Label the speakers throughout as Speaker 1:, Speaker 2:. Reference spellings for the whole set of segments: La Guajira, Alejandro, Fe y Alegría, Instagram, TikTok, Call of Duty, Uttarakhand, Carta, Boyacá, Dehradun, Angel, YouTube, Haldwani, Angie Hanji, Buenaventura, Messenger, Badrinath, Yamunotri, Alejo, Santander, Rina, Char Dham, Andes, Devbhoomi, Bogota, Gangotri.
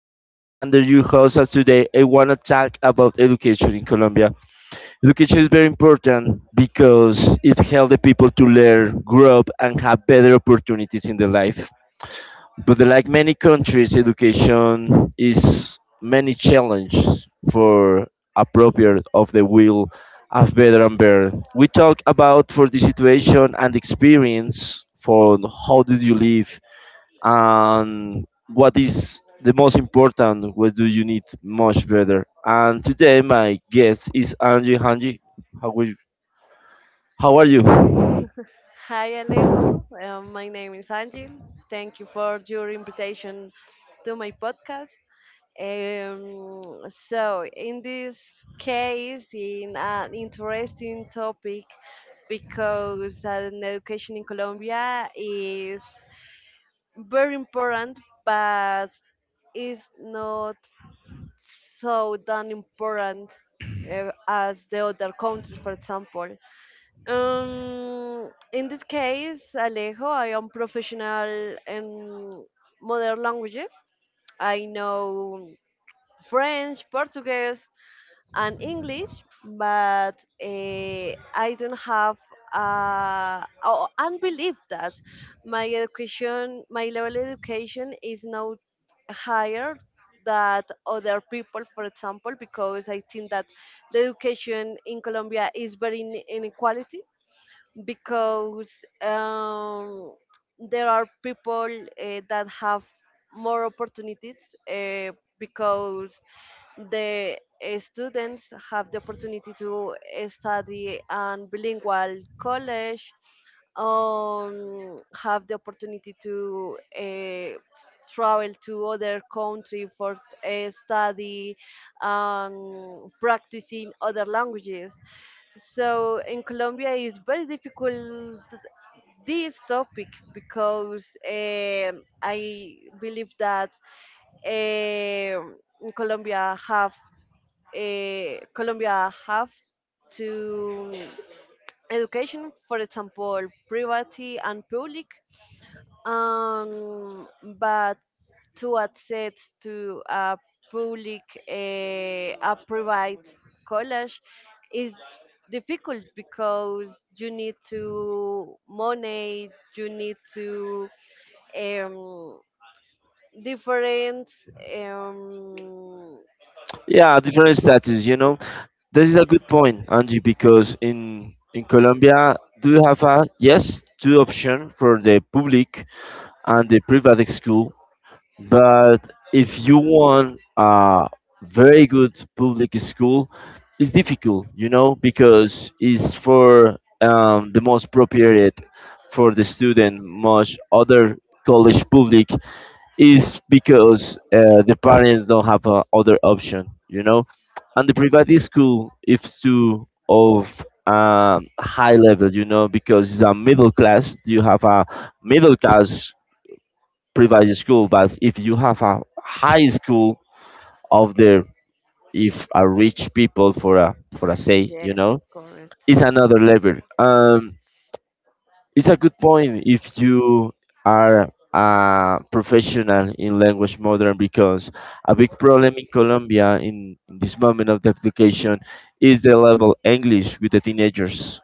Speaker 1: name is Alejandro, your host, and today I want to talk about education in Colombia. Education is very important because it helps the people to learn, grow up, and have better opportunities in their life. But like many countries, education is many challenges for appropriate of the will of veteran bear. We talk about for the situation and experience for how did you live and what is the most important, what do you need much better. And today my guest is Angie Hanji. How, will you- how are you?
Speaker 2: Hi Alejo, my name is Angel. Thank you for your invitation to my podcast. So, in this case, in an interesting topic, because an education in Colombia is very important, but is not so done important as the other countries, for example. In this case, Alejo, I am professional in modern languages. I know French, Portuguese, and English, but I don't have. Oh, and believe that my education, my level education, is not higher than other people, for example, because I think that the education in Colombia is very inequality because um, there are people that have more opportunities uh, because the students have the opportunity to study in bilingual college, have the opportunity to travel to other country for study, practicing other languages. So in Colombia, it's very difficult this topic because I believe that um in Colombia have to education, for example, private and public, um, but to access to a public a private college is difficult because you need to money, you need to, um, different, um,
Speaker 1: Yeah, different status, you know. This is a good point, Angie, because in Colombia, do you have a yes two option for the public and the private school, but if you want a very good public school, it's difficult, you know, because it's for the most appropriate for the student, much other college public is because the parents don't have other option, you know. And the private school is too of high level, you know, because it's a middle class. You have a middle class private school, but if you have a high school of there, if a rich people for a say, you
Speaker 2: yes,
Speaker 1: know,
Speaker 2: it's correct.
Speaker 1: it's another level. It's a good point if you are a professional in language modern because a big problem in Colombia in this moment of the application is the level English with the teenagers.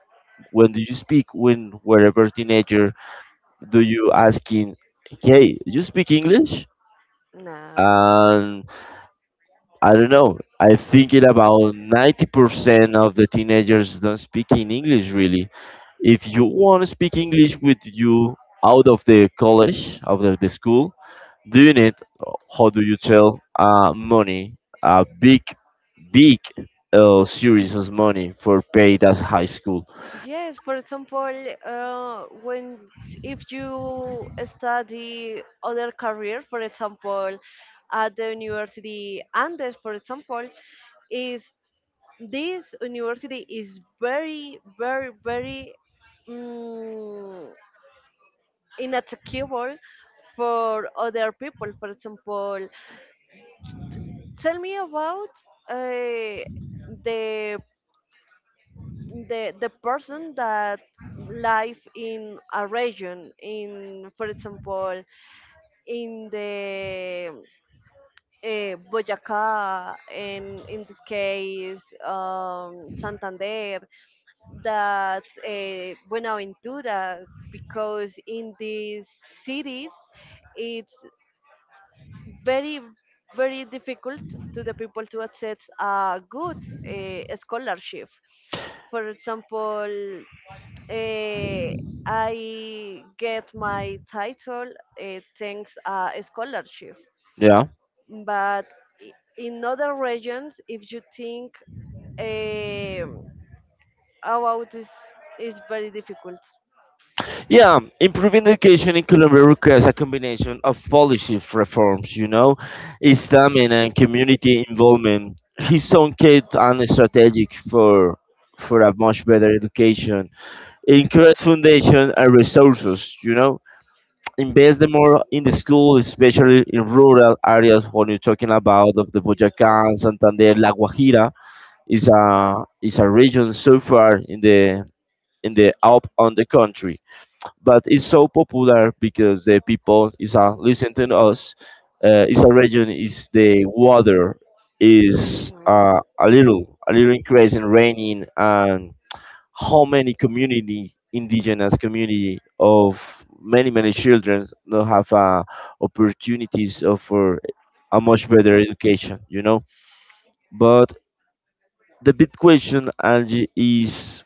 Speaker 1: When do you speak when wherever teenager do you asking, hey, you speak English?
Speaker 2: Not.
Speaker 1: And I don't know. I think it about 90% of the teenagers don't speak in English really. If you want to speak English with you out of the college, out of the school, do you need, how do you tell, money, a big, big series of money for paid as high school?
Speaker 2: Yes, for example, when, if you study other career, for example, at the University Andes, for example, is this university is very, very, very mm, inattackable for other people. For example, tell me about uh, the person that live in a region in, for example, in the Boyacá, and in this case Santander, that Buenaventura, because in these cities it's very very difficult to the people to access a good scholarship, for example. uh, I get my title thanks a scholarship,
Speaker 1: Yeah.
Speaker 2: but in other regions, if you think uh, about this, is very difficult.
Speaker 1: Yeah, improving education in Colombia requires a combination of policy reforms, you know, stamina and community involvement. His own kid and strategic for a much better education, increase foundation and resources, you know, invest the more in the school, especially in rural areas when you're talking about of the Boyacá, Santander, La Guajira. Is a region so far in the up on the country, but it's so popular because the people is listen to us it's a region is the water, is
Speaker 2: Mm-hmm.
Speaker 1: a little increase in raining, and how many community indigenous community of many children now have opportunities of for a much better education, you know. But the big question, Angie, is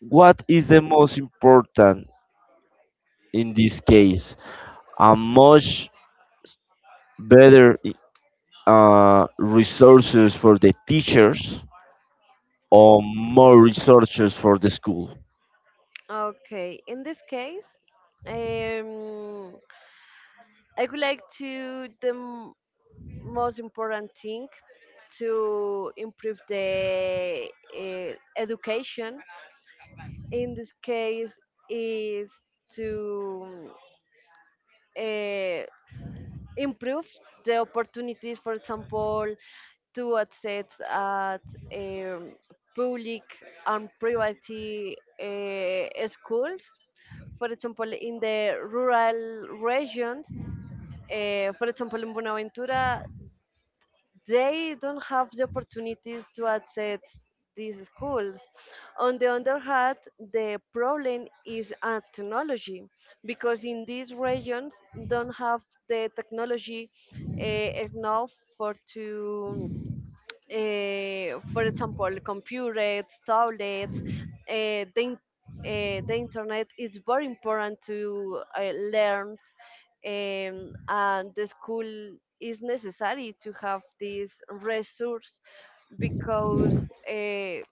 Speaker 1: what is the most important in this case, a much better resources for the teachers or more resources for the school?
Speaker 2: Okay, in this case, um, I would like to them. Most important thing to improve the uh, education in this case is to uh, improve the opportunities, for example, to access at um, public and private schools, for example, in the rural regions, for example, in Buenaventura, they don't have the opportunities to access these schools. On the other hand, the problem is at technology because in these regions don't have the technology uh, enough for to, for example, computers, tablets, uh, the, in- the internet is very important to learn, and the school is necessary to have this resource because uh,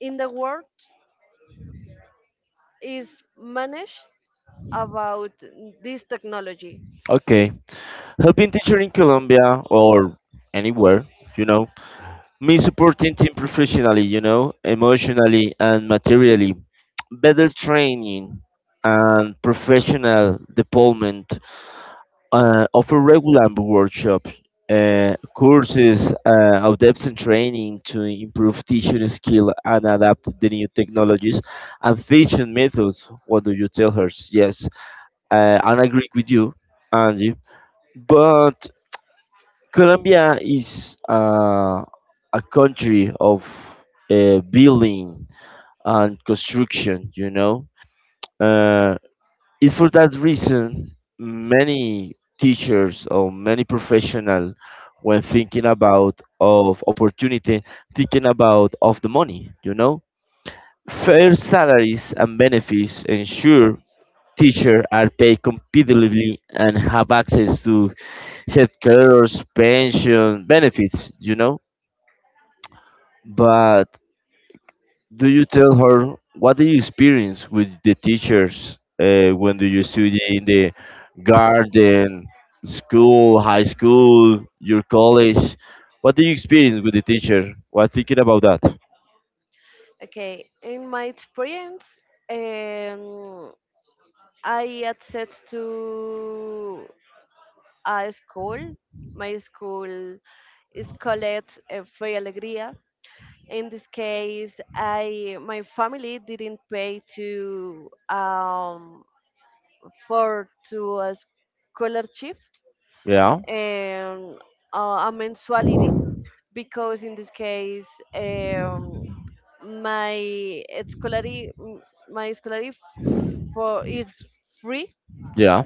Speaker 2: in the world is managed about this technology.
Speaker 1: Okay, helping teacher in Colombia or anywhere, you know, me supporting team professionally, you know, emotionally and materially, better training and professional development, offer regular workshops, courses, of depth and training to improve teaching skill and adapt the new technologies and teaching methods. What do you tell her? Yes, and I agree with you, Andy. But Colombia is a country of building and construction, you know. Uh, it's for that reason many teachers or many professional, when thinking about of opportunity, thinking about of the money, you know. Fair salaries and benefits ensure teachers are paid competitively and have access to healthcare, pension benefits, you know. But do you tell her what do you experience with the teachers when do you study in the garden, school, high school, your college? What do you experience with the teacher? What thinking about that?
Speaker 2: Okay, in my experience, um, I access to a school. My school is called Fe y Alegría. In this case, I my family didn't pay to, for to a scholarship,
Speaker 1: Yeah.
Speaker 2: and a mensuality, because in this case um, my scholarly my scholarship for is free,
Speaker 1: Yeah.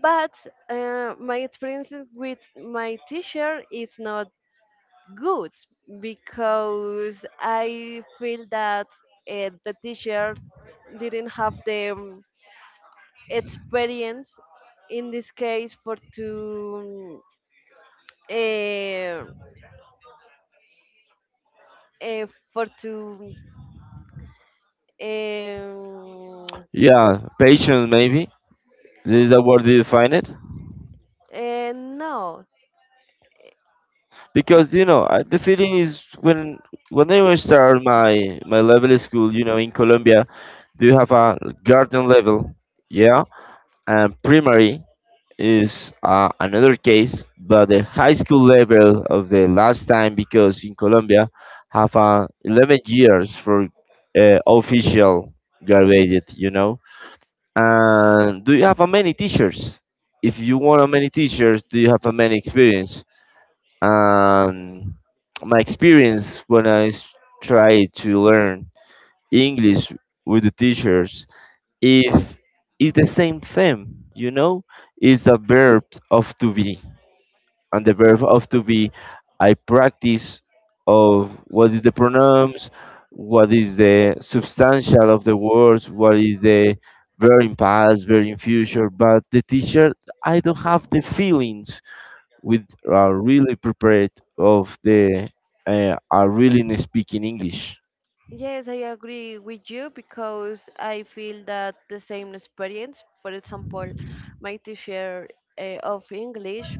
Speaker 2: but my experience with my teacher is not good because I feel that the teacher didn't have the experience in this case uh, uh, for to um,
Speaker 1: Yeah. Patience, maybe. This is the word you define it.
Speaker 2: no.
Speaker 1: Because you know the feeling is when I was start my level school, you know, in Colombia, do you have a garden level, yeah, and primary is another case, but the high school level of the last time, because in Colombia have 11 years for official graduated, you know. And do you have a many teachers? If you want a many teachers, do you have a many experience? Um, my experience, when I try to learn English with the teachers, if it's the same thing, you know, is the verb of to be, and the verb of to be, I practice of what is the pronouns, what is the substantial of the words, what is the verb in past, verb in future. But the teacher, I don't have the feelings with really prepared of the are really speaking English.
Speaker 2: Yes, I agree with you because I feel that the same experience. For example, my teacher of English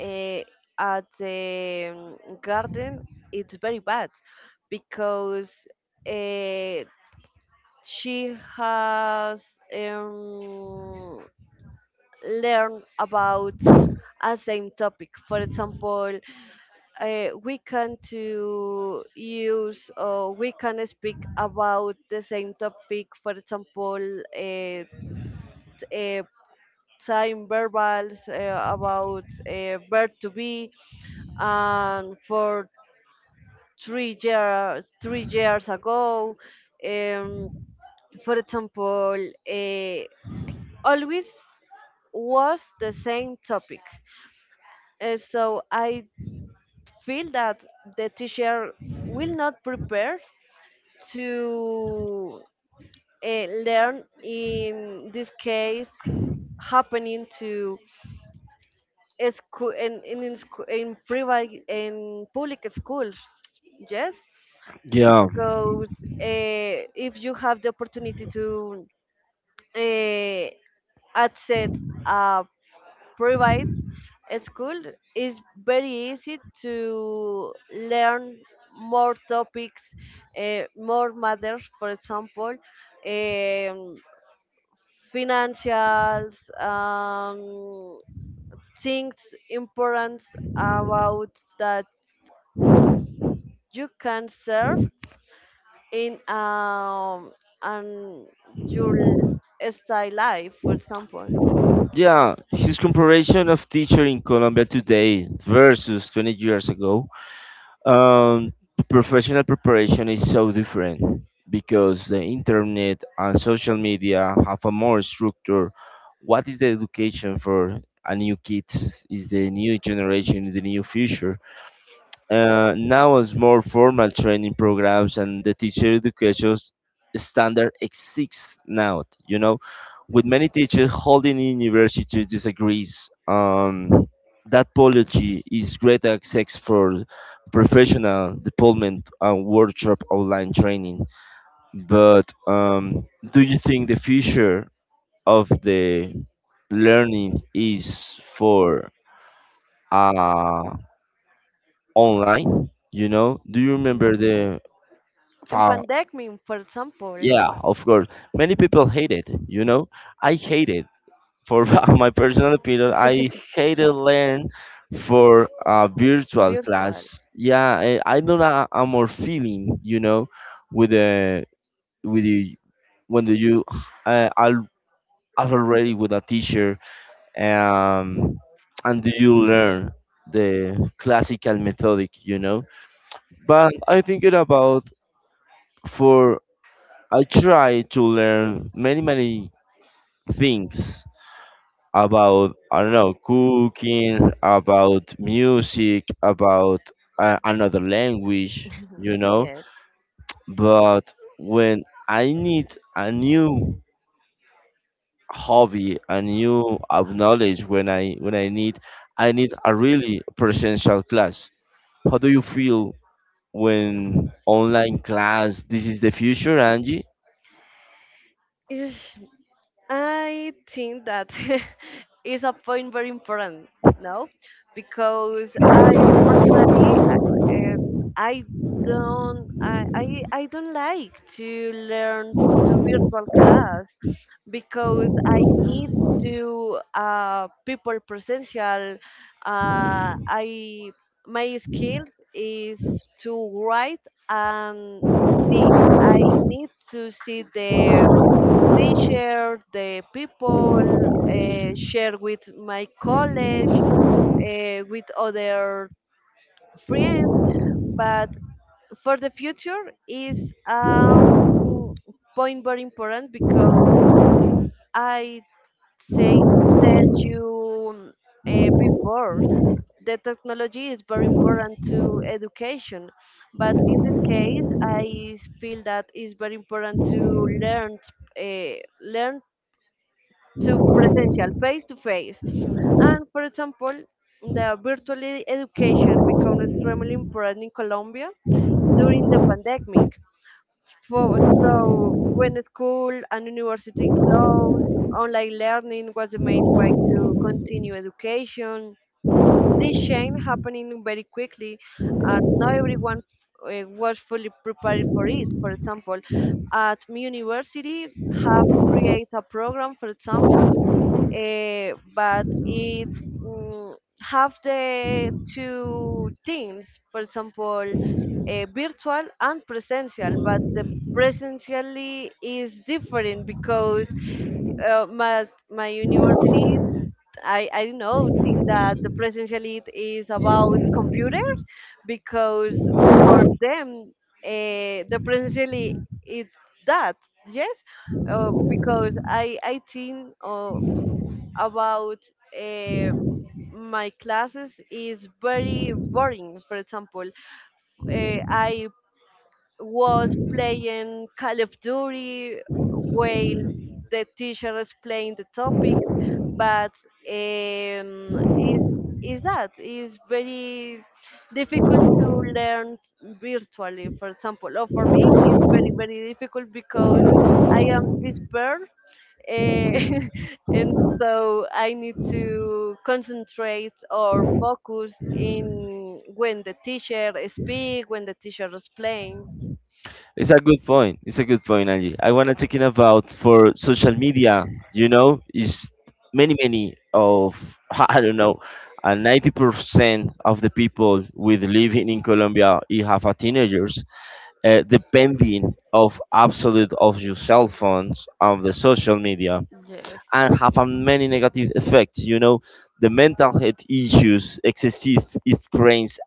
Speaker 2: uh, at the garden, it's very bad because uh, she has um, learned about a same topic. For example, we can to use, or we can speak about the same topic, for example, uh, time verbals about verb to be, and for three years ago, um, for example, uh, always was the same topic. So I feel that the teacher will not prepare to learn in this case, happening to a school in private, in public schools, yes,
Speaker 1: Yeah,
Speaker 2: because if you have the opportunity to uh, access a provides a school, is very easy to learn more topics, more matters, for example, um, financials, um, things important about that you can serve in, and your style life, for example.
Speaker 1: yeah. His comparison of teacher in Colombia today versus 20 years ago, um, professional preparation is so different because the internet and social media have a more structure. What is the education for a new kids? Is the new generation the new future? Now, as more formal training programs and the teacher education standard exists now, you know, with many teachers holding university disagrees. That policy is great access for professional development and workshop online training. But do you think the future of the learning is for uh, online, you know. Do you remember
Speaker 2: Yeah.
Speaker 1: the
Speaker 2: In
Speaker 1: fa-
Speaker 2: pandemic, for example.
Speaker 1: yeah, of course many people hate it, you know. I hate it for my personal opinion, I hated learn for a virtual
Speaker 2: Virtual.
Speaker 1: class. Yeah. I don't know, I'm more feeling, you know, with the with the when the you uh, are are already with a teacher, um and do you learn the classical methodic, you know. But I thinking about for, I try to learn many things about, I don't know, cooking, about music, about another language, you know.
Speaker 2: Yes.
Speaker 1: But when I need a new hobby, a new of knowledge, when I need, I need a really presential class. How do you feel when online class? This is the future, Angie.
Speaker 2: Ish, I think that is a point very important, no? Because I personally, uh, I I don't like to learn to virtual class because I need to people presential. I my skills is to write and see. I need to see the teacher, the people, share with my college, with other friends. But for the future is um, point very important because I say, tell you before, the technology is very important to education, but in this case I feel that it's very important to learn uh, learn to presential, face to face. And for example, the virtual education became extremely important in Colombia during the pandemic. For, so when the school and university closed, online learning was the main way to continue education. This change happening very quickly, and not everyone was fully prepared for it. For example, at my university, have created a program, for example, but it mm, have the two things, for example, virtual and presential, but the presentially is different because my university, I know, think that the presidential elite is about computers because for them, the presidential elite is that, yes? Because I think about uh, my classes is very boring. For example, uh, I was playing Call of Duty while the teacher is playing the topics, but um, is is that is very difficult to learn virtually, for example, or for me it's very very difficult because I am this pearl, eh, and so I need to concentrate or focus in when the teacher speak, when the teacher is playing.
Speaker 1: It's a good point. It's a good point, Angie. I wanna talking about for social media. You know, is many of I don't know, 90% of the people with living in Colombia, you have a teenagers depending of absolute of your cell phones of the social media,
Speaker 2: Yes.
Speaker 1: and have a many negative effects. You know, the mental health issues, excessive if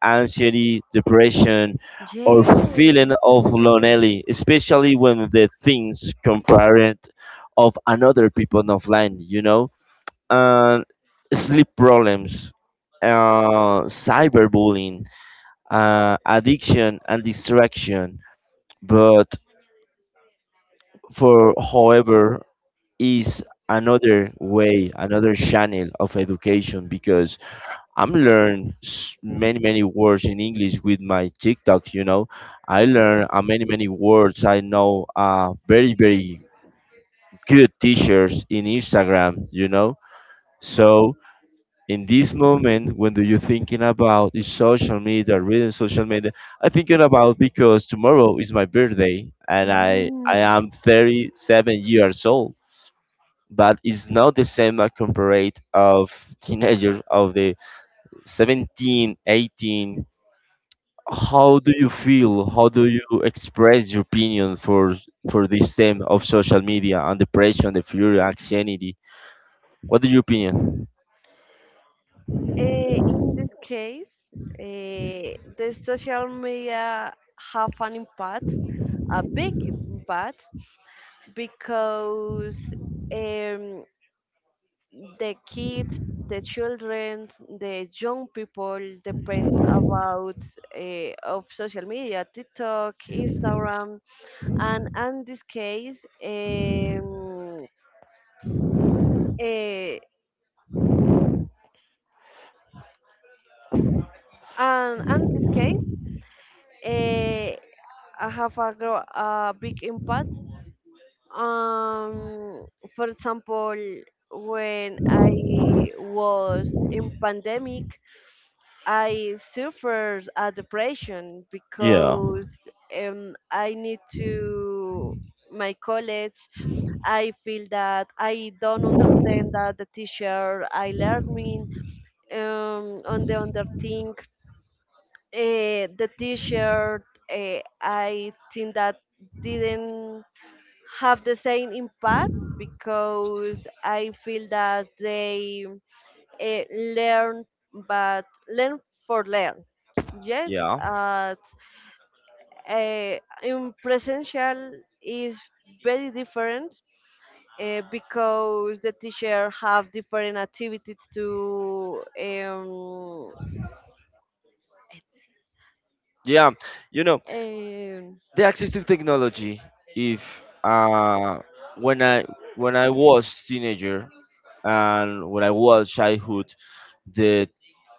Speaker 1: anxiety, depression, or feeling
Speaker 2: Yes, it's
Speaker 1: of
Speaker 2: true.
Speaker 1: lonely, especially when the things compared of another people offline. You know, and sleep problems, cyberbullying, addiction, and distraction. But for however is another way, another channel of education, because I'm learn many words in English with my TikTok. You know, I
Speaker 2: Yes.
Speaker 1: learn many words. I know very very good teachers in Instagram. You know, so in this moment when do you thinking about is social media, reading social media? I thinking about, because tomorrow is my birthday and I
Speaker 2: Mm.
Speaker 1: am 37 years old, but it's not the same as compared of teenagers of the 17, 18. How do you feel, how do you express your opinion for this theme of social media and the pressure and the fury anxiety? What is your opinion?
Speaker 2: In this case, the social media have an impact, a big impact, because um, the kids, the children, the young people depends about of social media, TikTok, Instagram, and in this case, um, uh, and in this case. uh, I have a, a big impact. Um, for example, when I was in pandemic, I suffered a depression
Speaker 1: Yeah.
Speaker 2: because I need to my college. I feel that I don't understand that the teacher I learning, on the other thing. The teacher, I think that, didn't have the same impact because I feel that they uh, learn, but learn for learn. Yes,
Speaker 1: Yeah,
Speaker 2: uh, uh, in presential is very different because the teacher have different activities to.
Speaker 1: yeah. You know,
Speaker 2: Um
Speaker 1: the access to technology. If uh, when I when I was teenager, and when I was childhood, the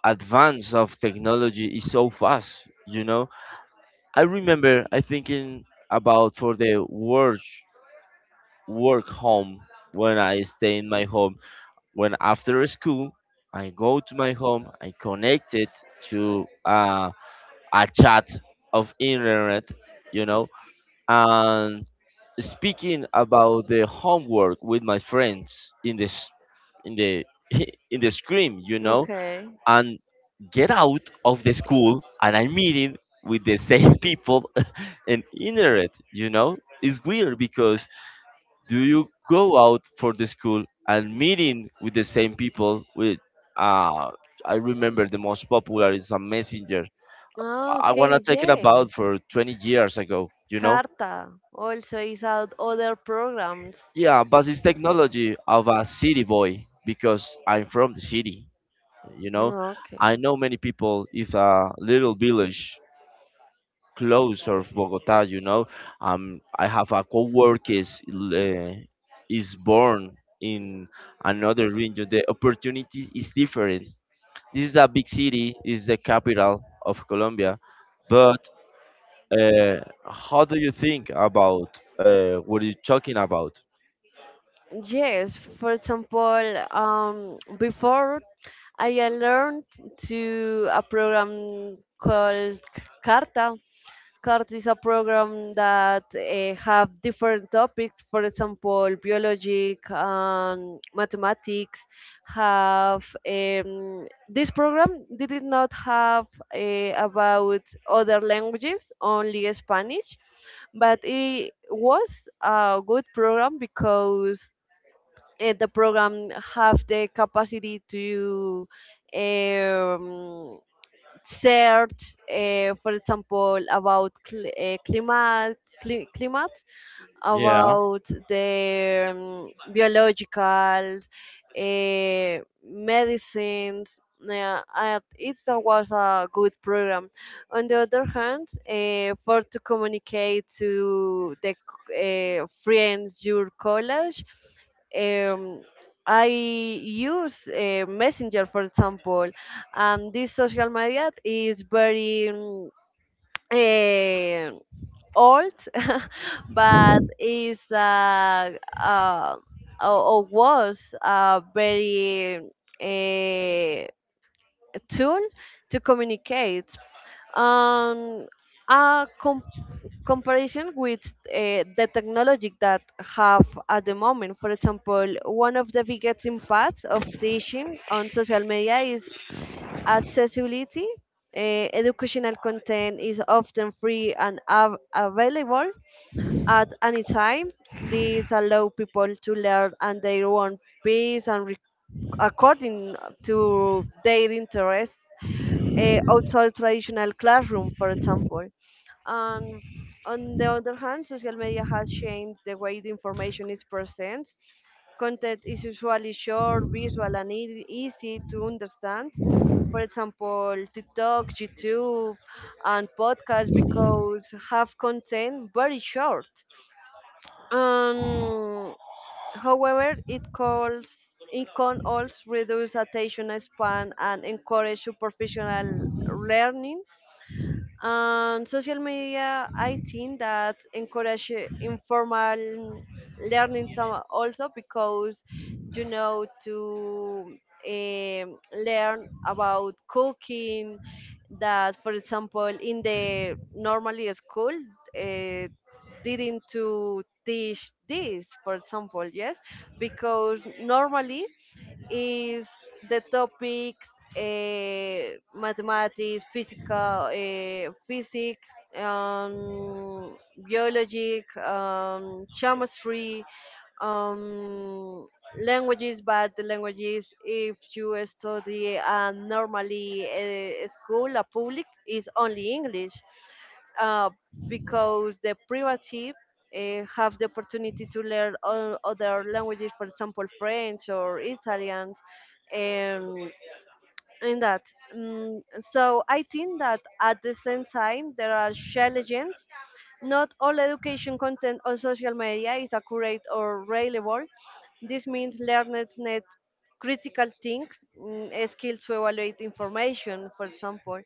Speaker 1: advance of technology is so fast. You know, I remember I thinking about for the work home, when I stay in my home. When after school, I go to my home, I connect it to a chat of internet, you know, and speaking about the homework with my friends in the in the screen, you know,
Speaker 2: okay.
Speaker 1: and get out of the school and I'm meeting with the same people. And internet, you know, is weird because do you go out for the school and meeting with the same people with uh I remember the most popular is a messenger.
Speaker 2: Ah,
Speaker 1: I
Speaker 2: okay,
Speaker 1: wanna take it about
Speaker 2: yes.
Speaker 1: for 20 years ago, you know.
Speaker 2: Carta also is out other programs.
Speaker 1: Yeah, but it's technology of a city boy because I'm from the city, you know.
Speaker 2: Okay.
Speaker 1: I know many people if a little village close of Bogota, you know. I have a coworker is born in another region. The opportunity is different. This is a big city, is the capital of Colombia, but uh, how do you think about what you're talking about?
Speaker 2: Yes, for example, before I learned to a program called Carta. CART is a program that have different topics, for example, biologic and mathematics. Have this program did not have about other languages, only Spanish, but it was a good program because the program have the capacity to um, search, for example, about climate,
Speaker 1: Yeah.
Speaker 2: about their biological uh, medicines. Yeah, it was a good program. On the other hand, for to communicate to the friends, your college, um, I use Messenger, for example, and this social media is very um, old, but is uh, or was a very uh, tool to communicate. Um, a comparison with the technology that have at the moment. For example, one of the biggest impacts of teaching on social media is accessibility. Educational content is often free and available at any time. These allow people to learn at their own pace and according to their interests, outside traditional classroom, for example. And on the other hand, social media has changed the way the information is presented. Content is usually short, visual, and easy to understand. For example, TikTok, YouTube, and podcasts, because have content very short, um, however, it can also reduce attention span and encourage superficial learning. And social media, I think that encourage informal learning also, because to um, learn about cooking. That, for example, in the normally school, uh, didn't to teach this, for example, yes, because normally is the topics, mathematics, physics, um, biologic, chemistry, um, languages, but the languages, if you study normally a school, a public, is only English uh, because the privative have the opportunity to learn all other languages, for example, French or Italians. And in that. Mm, so I think that at the same time there are challenges. Not all education content on social media is accurate or reliable. This means learners need critical think, skills to evaluate information, for example.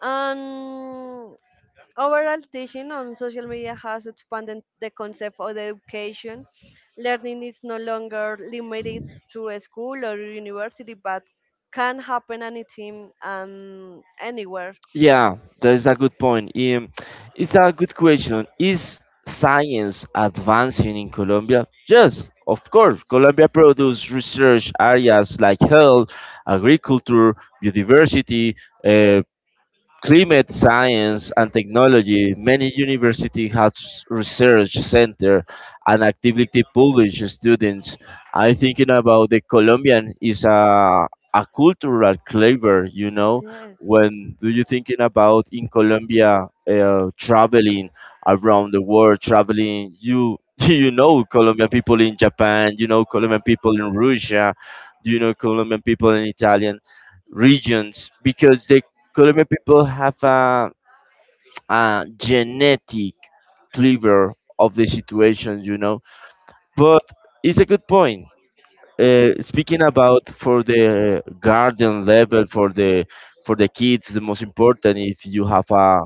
Speaker 2: And overall, teaching on social media has expanded the concept of education. Learning is no longer limited to a school or university, but can happen anytime and anywhere.
Speaker 1: Yeah, that is a good point. It's a good question. Is science advancing in Colombia? Yes, of course. Colombia produces research areas like health, agriculture, biodiversity, uh, climate science and technology. Many universities have research center and actively publish students. I thinking about the Colombian is a cultural flavor, you know. When do you thinking about in Colombia traveling around the world, traveling you you know Colombian people in Japan, you know Colombian people in Russia, you know Colombian people in Italian regions, because the Colombian people have a genetic cleaver of the situation, you know. But it's a good point. Speaking about for the garden level for the kids, the most important if you have a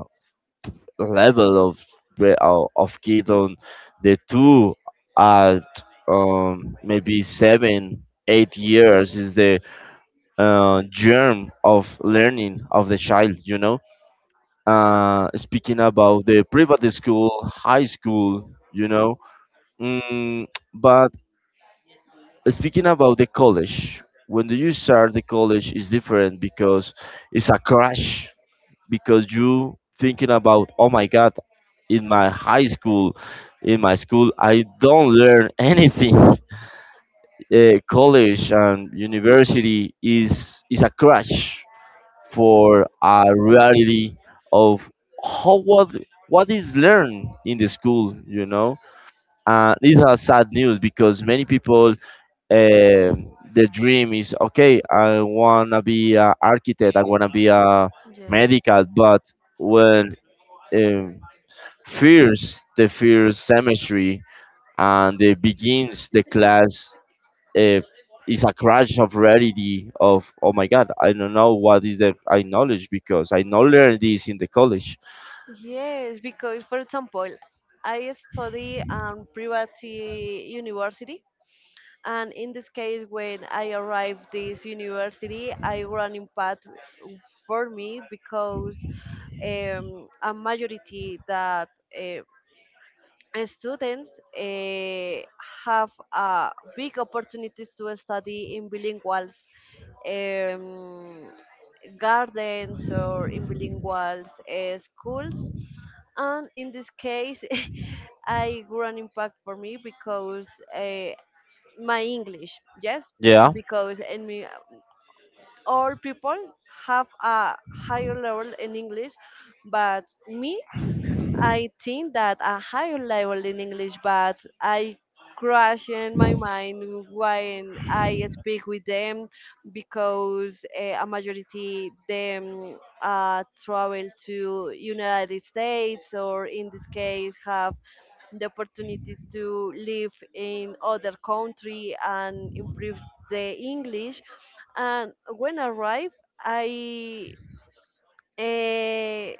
Speaker 1: level of of kid on the two, at maybe 7-8 years is the germ of learning of the child, you know. Speaking about the private school, high school, you know. Mm, but speaking about the college, when you start the college is different because it's a crash. Because you thinking about, oh my God, in my high school, in my school, I don't learn anything. College and university is a crash for a reality of how what is learned in the school, you know. These are sad news because many people, the dream is okay, I wanna be an architect, I wanna be a medical, but when um, fears the first semester and they begins the class, uh, it's a crash of reality of, oh my God, I don't know what is the I knowledge, because I not learned this in the college.
Speaker 2: Yes, because for example, I study private university, and in this case, when I arrived this university, I run in path for me because a majority that uh, students eh, have big opportunities to study in bilinguals um, gardens or in bilingual schools. And in this case, I grew an impact for me because uh, my English, yes,
Speaker 1: Yeah.
Speaker 2: because in me, all people have a higher level in English, but me I think that a higher level in English, but I crash in my mind when I speak with them because a majority them travel to United States or in this case have the opportunities to live in other country and improve the English. And when I arrive, I uh,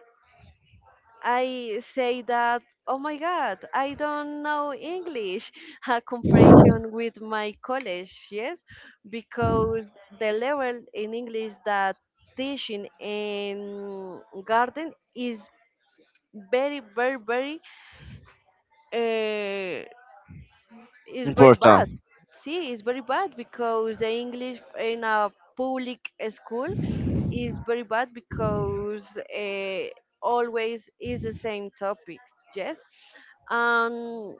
Speaker 2: I say that, oh my God, I don't know English, a comparison with my college, yes, because the level in English that teaching in garden is very, very, very eh, it's very
Speaker 1: Important.
Speaker 2: bad. See, it's very bad because the English in a public school is very bad because always is the same topic. Yes, um,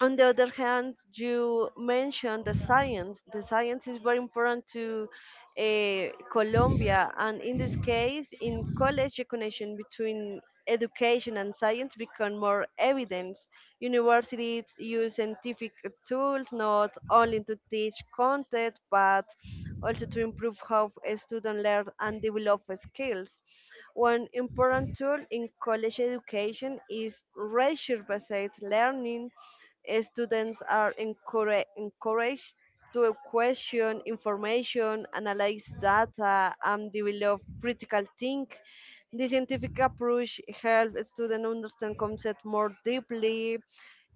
Speaker 2: on the other hand, you mentioned the science. The science is very important to Colombia, and in this case, in college, the connection between education and science become more evident. Universities use scientific tools not only to teach content, but also to improve how students learn and develop skills. One important tool in college education is research-based learning. Students are encouraged to question information, analyze data, and develop critical think. The scientific approach helps students understand concepts more deeply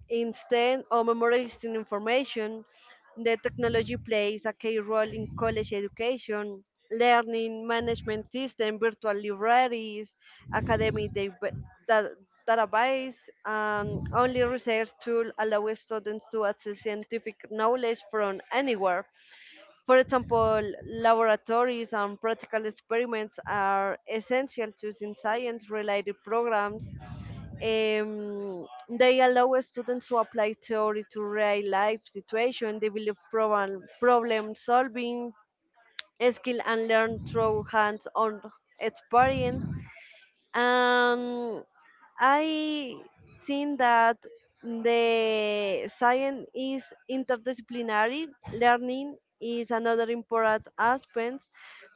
Speaker 2: instead of memorizing information. The technology plays a key role in college education, learning management system, virtual libraries, academic da- database, and only research tool allow students to access scientific knowledge from anywhere. For example, laboratories and practical experiments are essential to science related programs. They allow students to apply theory to real life situations, develop problem solving skill, and learn through hands on experience, and I think that the science is interdisciplinary. Learning is another important aspect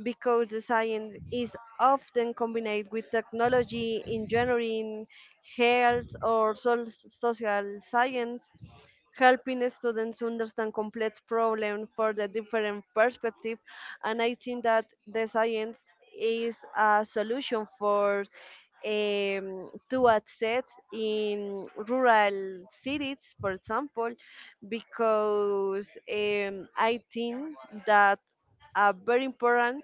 Speaker 2: because the science is often combined with technology, engineering, health, or social science, helping students understand complex problems for the different perspective. And I think that the science is a solution for to access in rural cities, for example, because I think that very important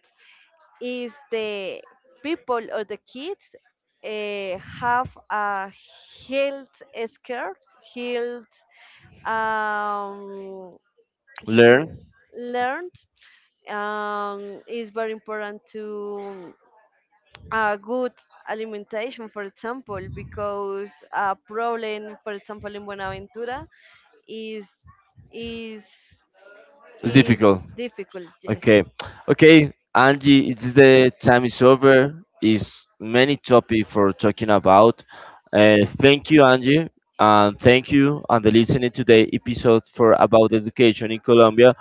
Speaker 2: is the people or the kids have a health scare, health, um,
Speaker 1: Learn.
Speaker 2: he- learned is very important to a good alimentation, for example, because a problem, for example, in Buenaventura is is
Speaker 1: It's
Speaker 2: is
Speaker 1: difficult.
Speaker 2: difficult. Yes.
Speaker 1: Okay. Okay, Angie, it's the time is over. It's many topic for talking about. Thank you, Angie, and thank you and the listening today episode for about education in Colombia.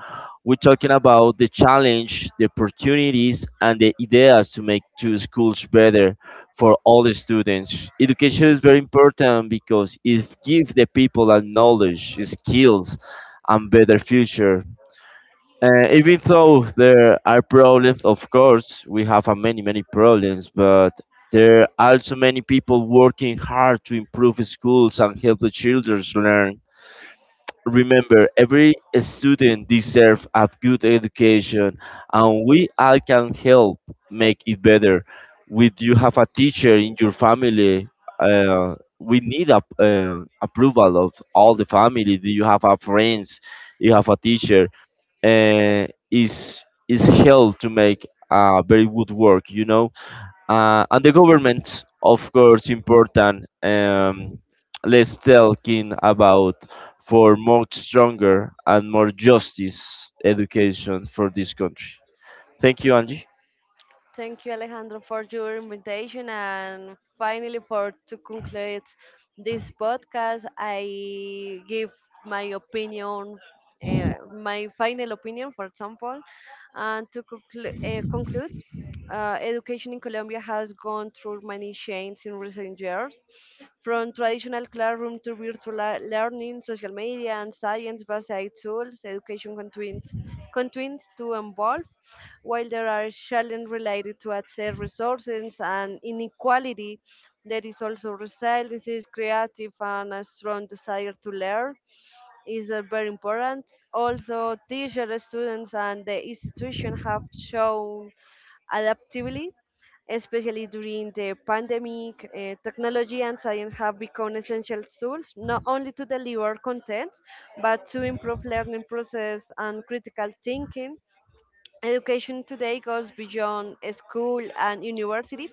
Speaker 1: We're talking about the challenge, the opportunities, and the ideas to make two schools better for all the students. Education is very important because it gives the people a knowledge, skills, and better future. Even though there are problems, of course, we have many, many problems, but there are also many people working hard to improve schools and help the children learn. Remember, every student deserves a good education, and we all can help make it better. With you have a teacher in your family, we need a approval of all the family. Do you have a friends? You have a teacher. Is help to make a very good work. You know, and the government, of course, important. Let's talking about for more stronger and more justice education for this country. Thank you, Angie.
Speaker 2: Thank you, Alejandro, for your invitation and finally for to conclude this podcast. I give my opinion, my final opinion, for example, and to conclude, education in Colombia has gone through many changes in recent years, from traditional classroom to virtual learning, social media, and science-based tools. Education continues content to involve, while there are challenges related to access resources and inequality, there is also resilience, creative, and a strong desire to learn is very important. Also, teachers, students, and the institution have shown adaptability, especially during the pandemic. Technology and science have become essential tools, not only to deliver content, but to improve learning process and critical thinking. Education today goes beyond school and university.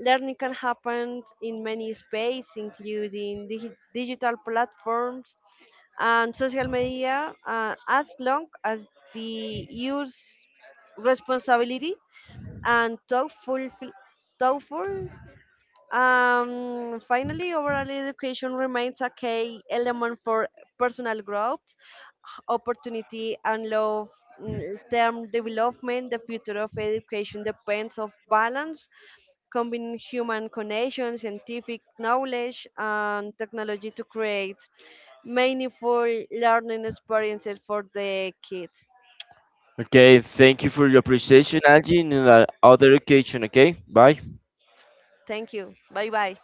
Speaker 2: Learning can happen in many spaces, including digital platforms and social media, as long as the use responsibility and thoughtful. Finally, overall education remains a key element for personal growth, opportunity, and long-term development. The future of education depends on balance, combining human connection, scientific knowledge, and technology to create meaningful learning experiences for the kids.
Speaker 1: Okay, thank you for your appreciation, Angie. In another occasion, okay? Bye.
Speaker 2: Thank you. Bye bye.